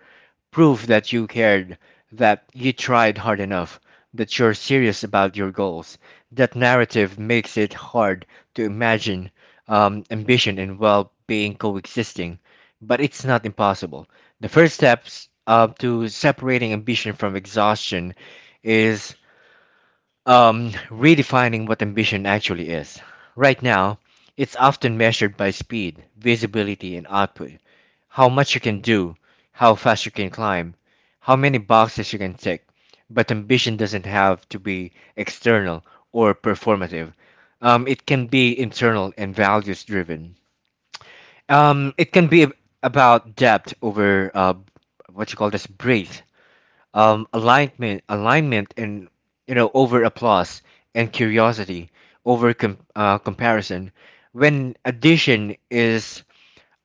[SPEAKER 1] proof that you cared, that you tried hard enough, that you're serious about your goals. That narrative makes it hard to imagine um, ambition and well being coexisting, but it's not impossible. The first steps uh, to separating ambition from exhaustion is um, redefining what ambition actually is. Right now, it's often measured by speed, visibility, and output. How much you can do, how fast you can climb, how many boxes you can tick. But ambition doesn't have to be external or performative. Um, it can be internal and values driven. Um, it can be ab- about depth over uh, what you call this breadth, um, alignment, alignment, and you know over applause and curiosity over com- uh, comparison. When addition is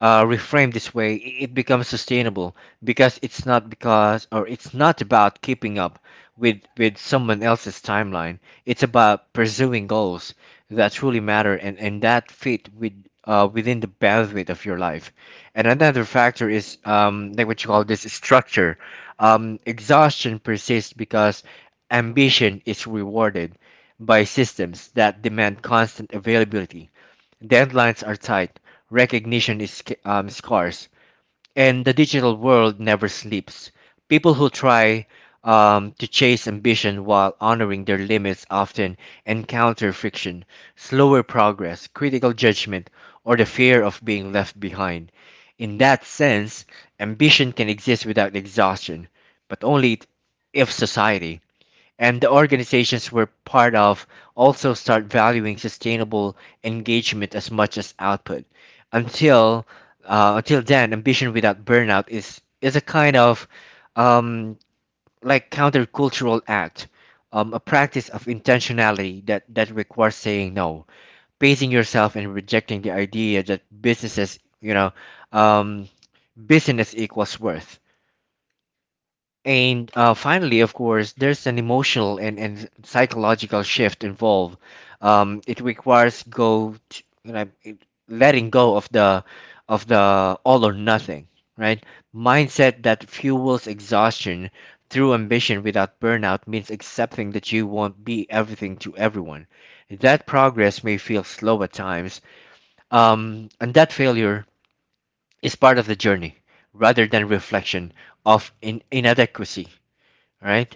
[SPEAKER 1] uh, reframed this way, i- it becomes sustainable because it's not because or it's not about keeping up with with someone else's timeline. It's about pursuing goals that truly matter and and that fit with, uh, within the bandwidth of your life. And another factor is um, like what you call this structure. Um, exhaustion persists because ambition is rewarded by systems that demand constant availability. Deadlines are tight, recognition is sc- um, scarce, and the digital world never sleeps. People who try um, to chase ambition while honoring their limits often encounter friction, slower progress, critical judgment, or the fear of being left behind. In that sense, ambition can exist without exhaustion, but only if society and the organizations we're part of also start valuing sustainable engagement as much as output. Until uh, until then, ambition without burnout is is a kind of um, like countercultural act, um, a practice of intentionality that that requires saying no, pacing yourself, and rejecting the idea that businesses, you know, um, business equals worth. And uh, finally, of course, there's an emotional and, and psychological shift involved. Um, it requires go, to, you know, it- Letting go of the, of the all or nothing, right? Mindset that fuels exhaustion through ambition without burnout means accepting that you won't be everything to everyone. That progress may feel slow at times, um, and that failure is part of the journey rather than reflection of in inadequacy, right?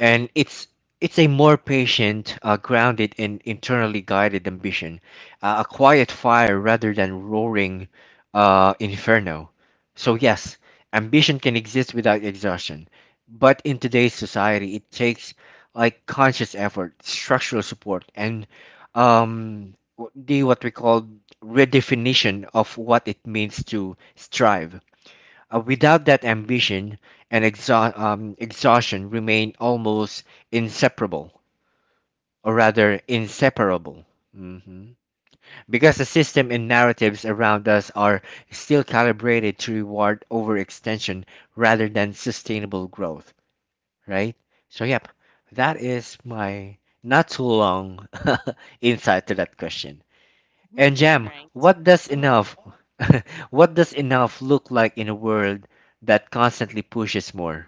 [SPEAKER 1] And it's it's a more patient, uh, grounded, and internally guided ambition, uh, a quiet fire rather than roaring uh, inferno. So yes, ambition can exist without exhaustion, but in today's society, it takes like conscious effort, structural support, and um, w- the what we call redefinition of what it means to strive. Uh, without that ambition and exha- um, exhaustion remain almost inseparable, or rather inseparable. Mhm. Because the system and narratives around us are still calibrated to reward overextension rather than sustainable growth, right? So, yep, that is my not too long insight to that question. And Jam,
[SPEAKER 2] Right.
[SPEAKER 1] what does
[SPEAKER 2] Mm-hmm.
[SPEAKER 1] enough what does enough look like in a world that constantly pushes more?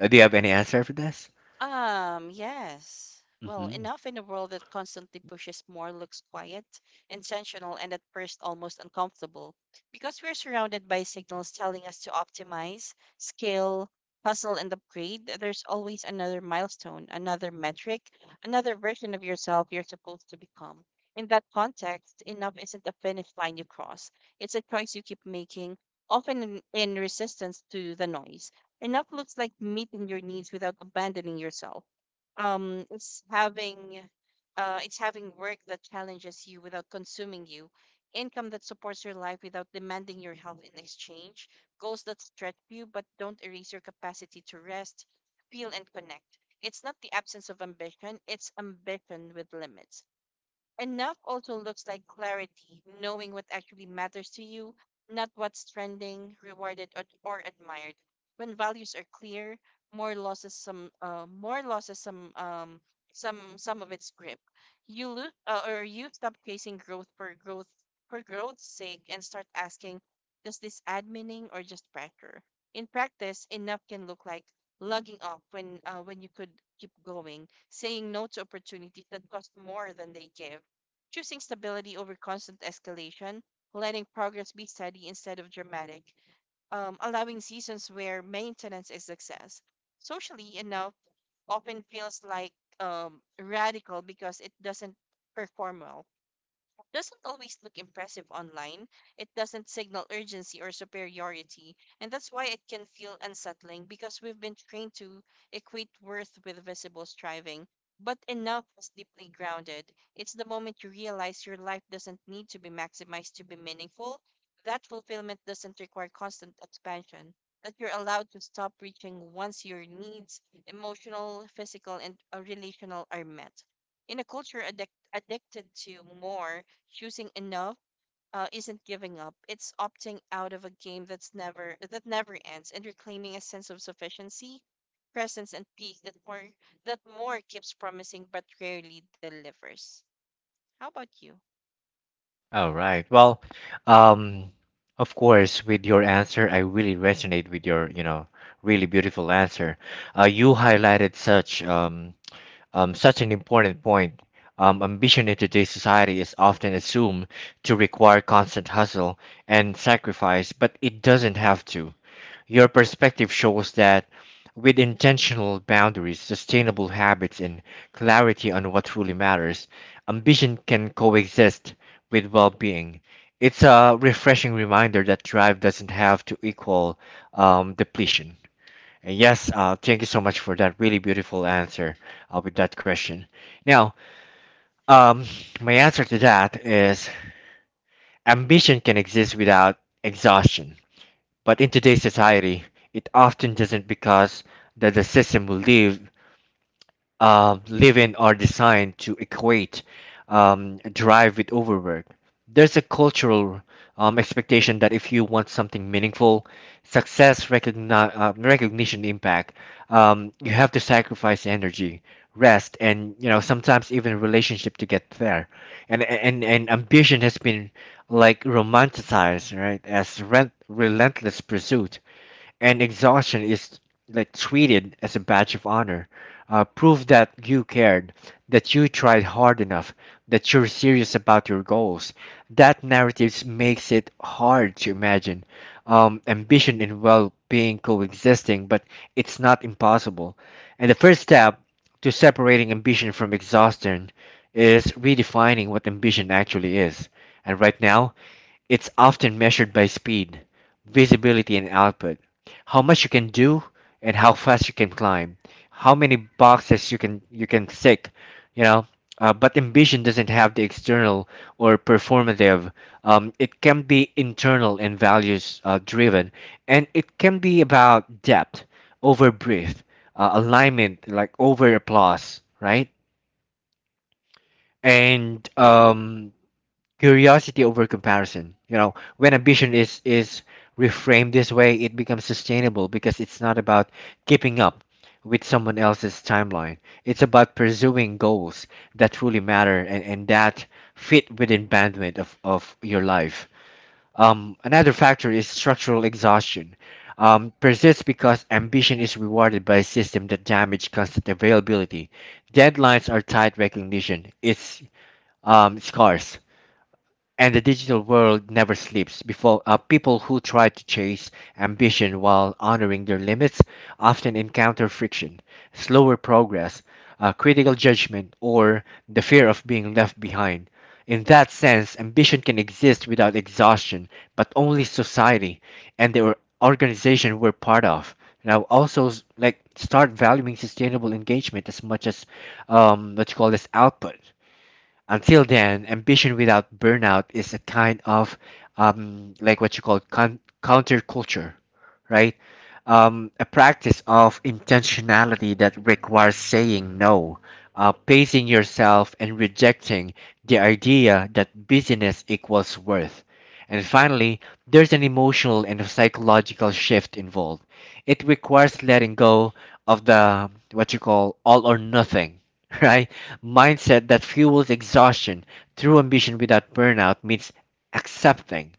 [SPEAKER 1] Uh, Do you have any answer for this?
[SPEAKER 2] Um, yes. Well,
[SPEAKER 1] Mhm.
[SPEAKER 2] enough in a world that constantly pushes more looks quiet, intentional, and at first almost uncomfortable, because we're surrounded by signals telling us to optimize, scale, hustle, and upgrade. There's always another milestone, another metric, another version of yourself you're supposed to become. In that context, enough isn't a finish line you cross. It's a choice you keep making, often in, in resistance to the noise. Enough looks like meeting your needs without abandoning yourself. Um, it's having uh, it's having work that challenges you without consuming you, income that supports your life without demanding your health in exchange, goals that stretch you but don't erase your capacity to rest, feel, and connect. It's not the absence of ambition, it's ambition with limits. Enough also looks like clarity, knowing what actually matters to you, not what's trending, rewarded, or, or admired. When values are clear, more losses some, uh, more losses some, um, some, some of its grip. You lose, uh, or you stop chasing growth for growth, for growth's sake, and start asking, does this add meaning or just pressure? In practice, enough can look like lugging off when, uh, when you could keep going, saying no to opportunities that cost more than they give, choosing stability over constant escalation, letting progress be steady instead of dramatic, um, allowing seasons where maintenance is success. Socially, enough often feels like um, radical because it doesn't perform well, doesn't always look impressive online. It doesn't signal urgency or superiority, and that's why it can feel unsettling because we've been trained to equate worth with visible striving. But enough is deeply grounded. It's the moment you realize your life doesn't need to be maximized to be meaningful. That fulfillment doesn't require constant expansion. That you're allowed to stop reaching once your needs, emotional, physical, and uh, relational, are met. In a culture addic- addicted to more, choosing enough uh, isn't giving up. It's opting out of a game that's never that never ends and reclaiming a sense of sufficiency, presence, and peace that more that more keeps promising but rarely delivers. How about you?
[SPEAKER 1] All right. Well, um, of course, with your answer, I really resonate with your, you know, really beautiful answer. Uh, you highlighted such um, um, such an important point. Um, ambition in today's society is often assumed to require constant hustle and sacrifice, but it doesn't have to. Your perspective shows that with intentional boundaries, sustainable habits, and clarity on what truly matters, ambition can coexist with well being. It's a refreshing reminder that drive doesn't have to equal um, depletion. And yes, uh, thank you so much for that really beautiful answer uh, with that question. Now, um, my answer to that is ambition can exist without exhaustion. But in today's society, it often doesn't because that the system we live uh, live in are designed to equate um, drive with overwork. There's a cultural um, expectation that if you want something meaningful, success, recogni- uh, recognition, impact, um, you have to sacrifice energy, rest, and you know sometimes even relationship to get there. And and and ambition has been like romanticized, right, as rent- relentless pursuit and exhaustion is like treated as a badge of honor, uh, proof that you cared, that you tried hard enough, that you're serious about your goals. That narrative makes it hard to imagine um, ambition and well-being coexisting, but it's not impossible. And the first step to separating ambition from exhaustion is redefining what ambition actually is. And right now, it's often measured by speed, visibility, and output. How much you can do and how fast you can climb, how many boxes you can you can tick, you know. Uh, but ambition doesn't have the external or performative. Um, it can be internal and values uh, driven, and it can be about depth over breadth, uh, alignment like over applause, right? And um, curiosity over comparison. You know, when ambition is is reframed this way it becomes sustainable because it's not about keeping up with someone else's timeline. It's about pursuing goals that truly matter and, and that fit within bandwidth of, of your life. Um, another factor is structural exhaustion. Um, persists because ambition is rewarded by a system that damages constant availability. Deadlines are tight, recognition it's um, scarce, and the digital world never sleeps. Before, uh, people who try to chase ambition while honoring their limits often encounter friction, slower progress, uh, critical judgment, or the fear of being left behind. In that sense, ambition can exist without exhaustion, but only society and the or- organization we're part of. Now, also s- like start valuing sustainable engagement as much as um, what you call this output. Until then, ambition without burnout is a kind of um, like what you call con- counterculture, right? Um, a practice of intentionality that requires saying no, uh, pacing yourself, and rejecting the idea that busyness equals worth. And finally, there's an emotional and psychological shift involved. It requires letting go of the what you call all or nothing, right? Mindset that fuels exhaustion through ambition without burnout means accepting,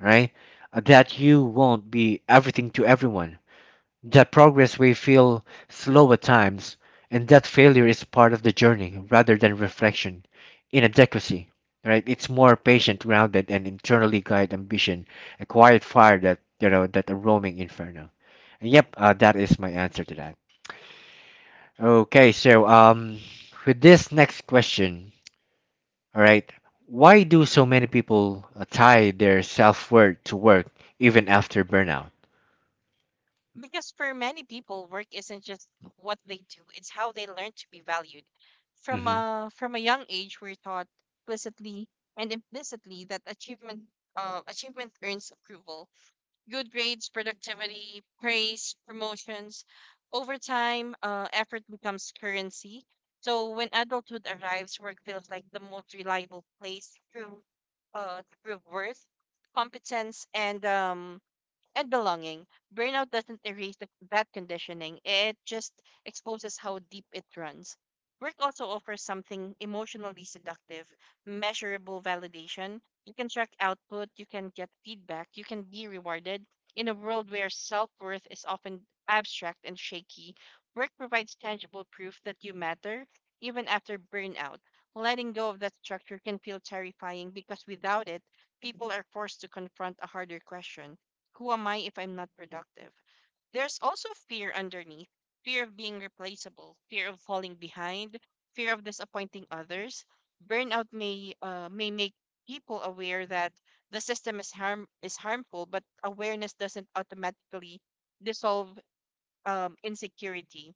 [SPEAKER 1] right? Uh, That you won't be everything to everyone, that progress will feel slow at times, and that failure is part of the journey rather than reflection. In adequacy, right? It's more patient, grounded, and internally guided ambition, a quiet fire that you know that a roaming inferno. And yep, uh, that is my answer to that. Okay, so um, with this next question, all right, why do so many people uh, tie their self worth to work even after burnout?
[SPEAKER 2] Because for many people, work isn't just what they do; it's how they learn to be valued. From
[SPEAKER 1] Mm-hmm.
[SPEAKER 2] a from a young age, we're taught explicitly and implicitly that achievement uh, achievement earns approval, good grades, productivity, praise, promotions. Over time, uh, effort becomes currency. So when adulthood arrives, work feels like the most reliable place to, uh, to prove worth, competence, and um, and belonging. Burnout doesn't erase the, that conditioning, it just exposes how deep it runs. Work also offers something emotionally seductive, measurable validation. You can track output, you can get feedback, you can be rewarded. In a world where self worth is often abstract and shaky, work provides tangible proof that you matter even after burnout. Letting go of that structure can feel terrifying because without it, people are forced to confront a harder question: who am I if I'm not productive? There's also fear underneath, fear of being replaceable, fear of falling behind, fear of disappointing others. Burnout may uh, may make people aware that the system is harm is harmful, but awareness doesn't automatically dissolve um, insecurity.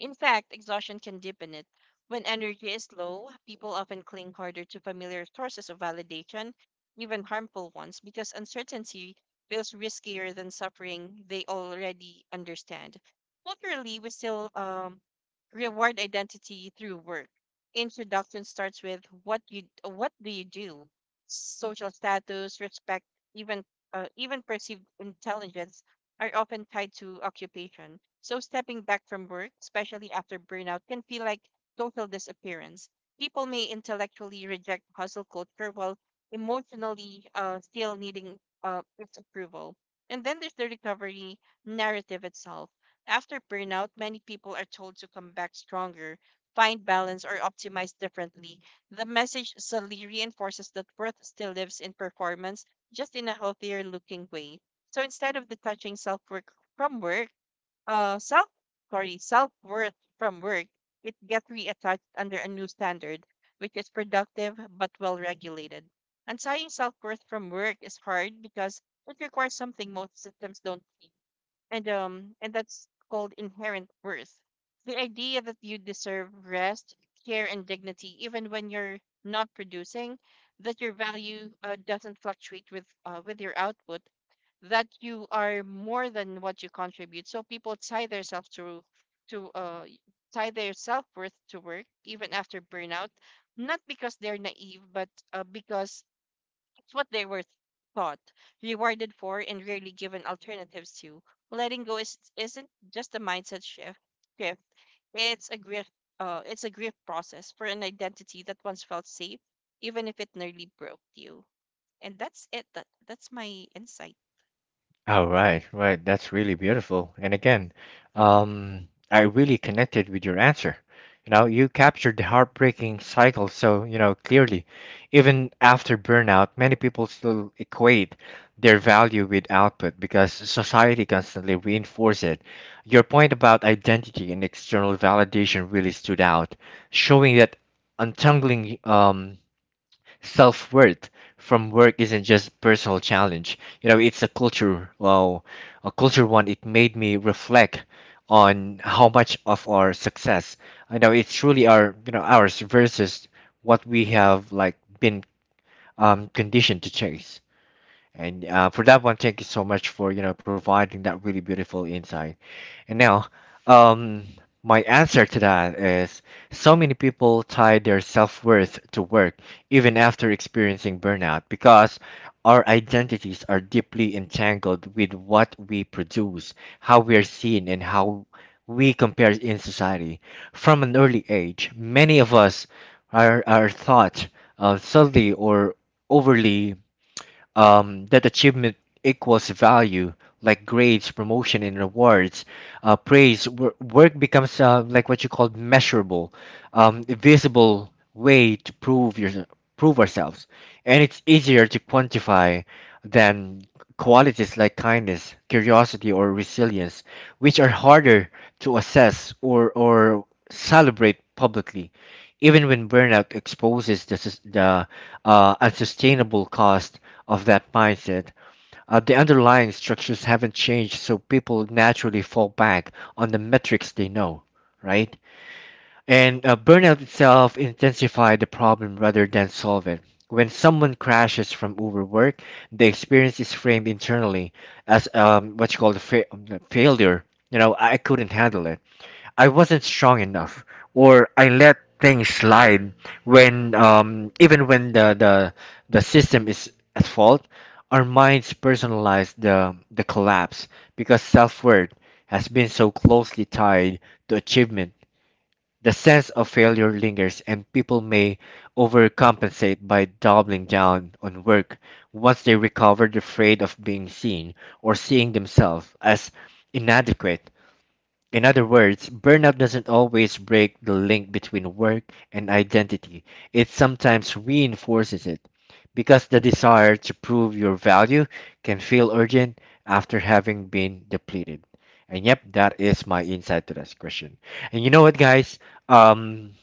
[SPEAKER 2] In fact, exhaustion can deepen it. When energy is low, people often cling harder to familiar sources of validation, even harmful ones, because uncertainty feels riskier than suffering they already understand. Culturally, we still um, reward identity through work. Introduction starts with what you what do you do? Social status, respect, even uh, even perceived intelligence are often tied to occupation. So stepping back from work, especially after burnout, can feel like total disappearance. People may intellectually reject hustle culture while emotionally, uh, still needing uh, its approval. And then there's the recovery narrative itself. After burnout, many people are told to come back stronger, find balance, or optimize differently. The message subtly reinforces that worth still lives in performance, just in a healthier looking way. So instead of detaching self work from work, uh, self sorry, self worth from work, it gets reattached under a new standard, which is productive but well regulated. Untying self worth from work is hard because it requires something most systems don't see, and um, and that's called inherent worth. The idea that you deserve rest, care, and dignity even when you're not producing, that your value uh, doesn't fluctuate with uh, with your output, that you are more than what you contribute. So people tie themselves to to uh y- tie their self worth to work even after burnout, not because they're naive, but uh, because it's what they were taught, rewarded for, and rarely given alternatives to. Letting go is isn't just a mindset shift. Shift. It's a grief. Uh, it's a grief process for an identity that once felt safe, even if it nearly broke you. And that's it. That that's my insight.
[SPEAKER 1] All right, right. That's really beautiful. And again,
[SPEAKER 2] Mm-hmm.
[SPEAKER 1] um, I really connected with your answer. You know, you captured the heartbreaking cycle so, you know, clearly. Even after burnout, many people still equate their value with output because society constantly reinforces it. Your point about identity and external validation really stood out, showing that untangling um, self worth from work isn't just personal challenge. You know, it's a culture. Well, a culture one. It made me reflect on how much of our success. I know it's truly our, you know ours, versus what we have like been um conditioned to chase. And uh, for that one, thank you so much for you know providing that really beautiful insight. And now, um, my answer to that is so many people tie their self-worth to work even after experiencing burnout because our identities are deeply entangled with what we produce, how we are seen, and how we compare in society. From an early age, many of us are, are thought, uh, subtly or overly, um, that achievement equals value, like grades, promotion, and rewards, uh, praise. Wor- work becomes, uh, like what you call, measurable, um, visible way to prove your prove ourselves, and it's easier to quantify than qualities like kindness, curiosity, or resilience, which are harder to assess or or celebrate publicly, even when burnout exposes the, sus- the uh, unsustainable cost of that mindset. Uh, the underlying structures haven't changed, so people naturally fall back on the metrics they know, right? And uh, burnout itself intensifies the problem rather than solve it. When someone crashes from overwork, the experience is framed internally as, um, what you call, the fa- um, failure. You know, I couldn't handle it, I wasn't strong enough, or I let things slide. When um, even when the, the the system is at fault, our minds personalize the the collapse because self-worth has been so closely tied to achievement. The sense of failure lingers, and people may overcompensate by doubling down on work once they recover, the afraid of being seen or seeing themselves as inadequate. In other words, burnout doesn't always break the link between work and identity. It sometimes reinforces it because the desire to prove your value can feel urgent after having been depleted. And yep, that is my insight to this question. And you know what, guys? Um,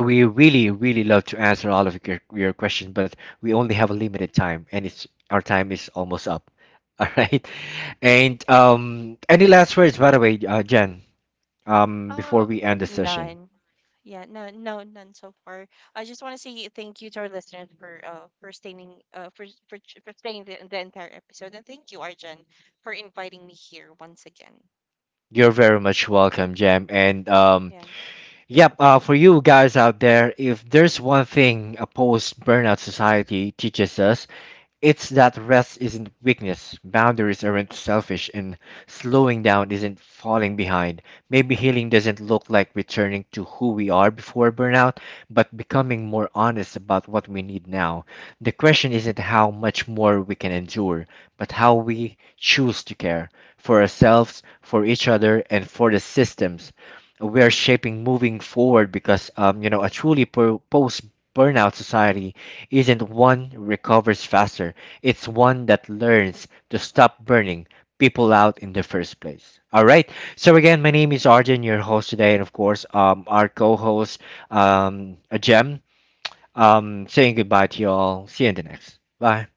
[SPEAKER 1] we really, really love to answer all of your, your questions, but we only have a limited time, and it's our time is almost up. All right. And um, any last words, by the way, uh, Jen? Um, before
[SPEAKER 2] Oh,
[SPEAKER 1] we end the session.
[SPEAKER 2] none. Yeah, no, no, none so far. I just want to say thank you to our listeners for uh for staying uh for for ch- for staying the, the entire episode, and thank you, Arjan, for inviting me here once again.
[SPEAKER 1] You're very much welcome, Jam. And um,
[SPEAKER 2] Yeah.
[SPEAKER 1] yep, uh, for you guys out there, if there's one thing a post burnout society teaches us, it's that rest isn't weakness, boundaries aren't selfish, and slowing down isn't falling behind. Maybe healing doesn't look like returning to who we are before burnout, but becoming more honest about what we need now. The question isn't how much more we can endure, but how we choose to care for ourselves, for each other, and for the systems we are shaping moving forward, because um, you know, a truly per- post burnout society isn't one recovers faster, it's one that learns to stop burning people out in the first place. All right, so again, my name is Arjun, your host today, and of course, um, our co-host, um, a um, saying goodbye to you all. See you in the next. Bye.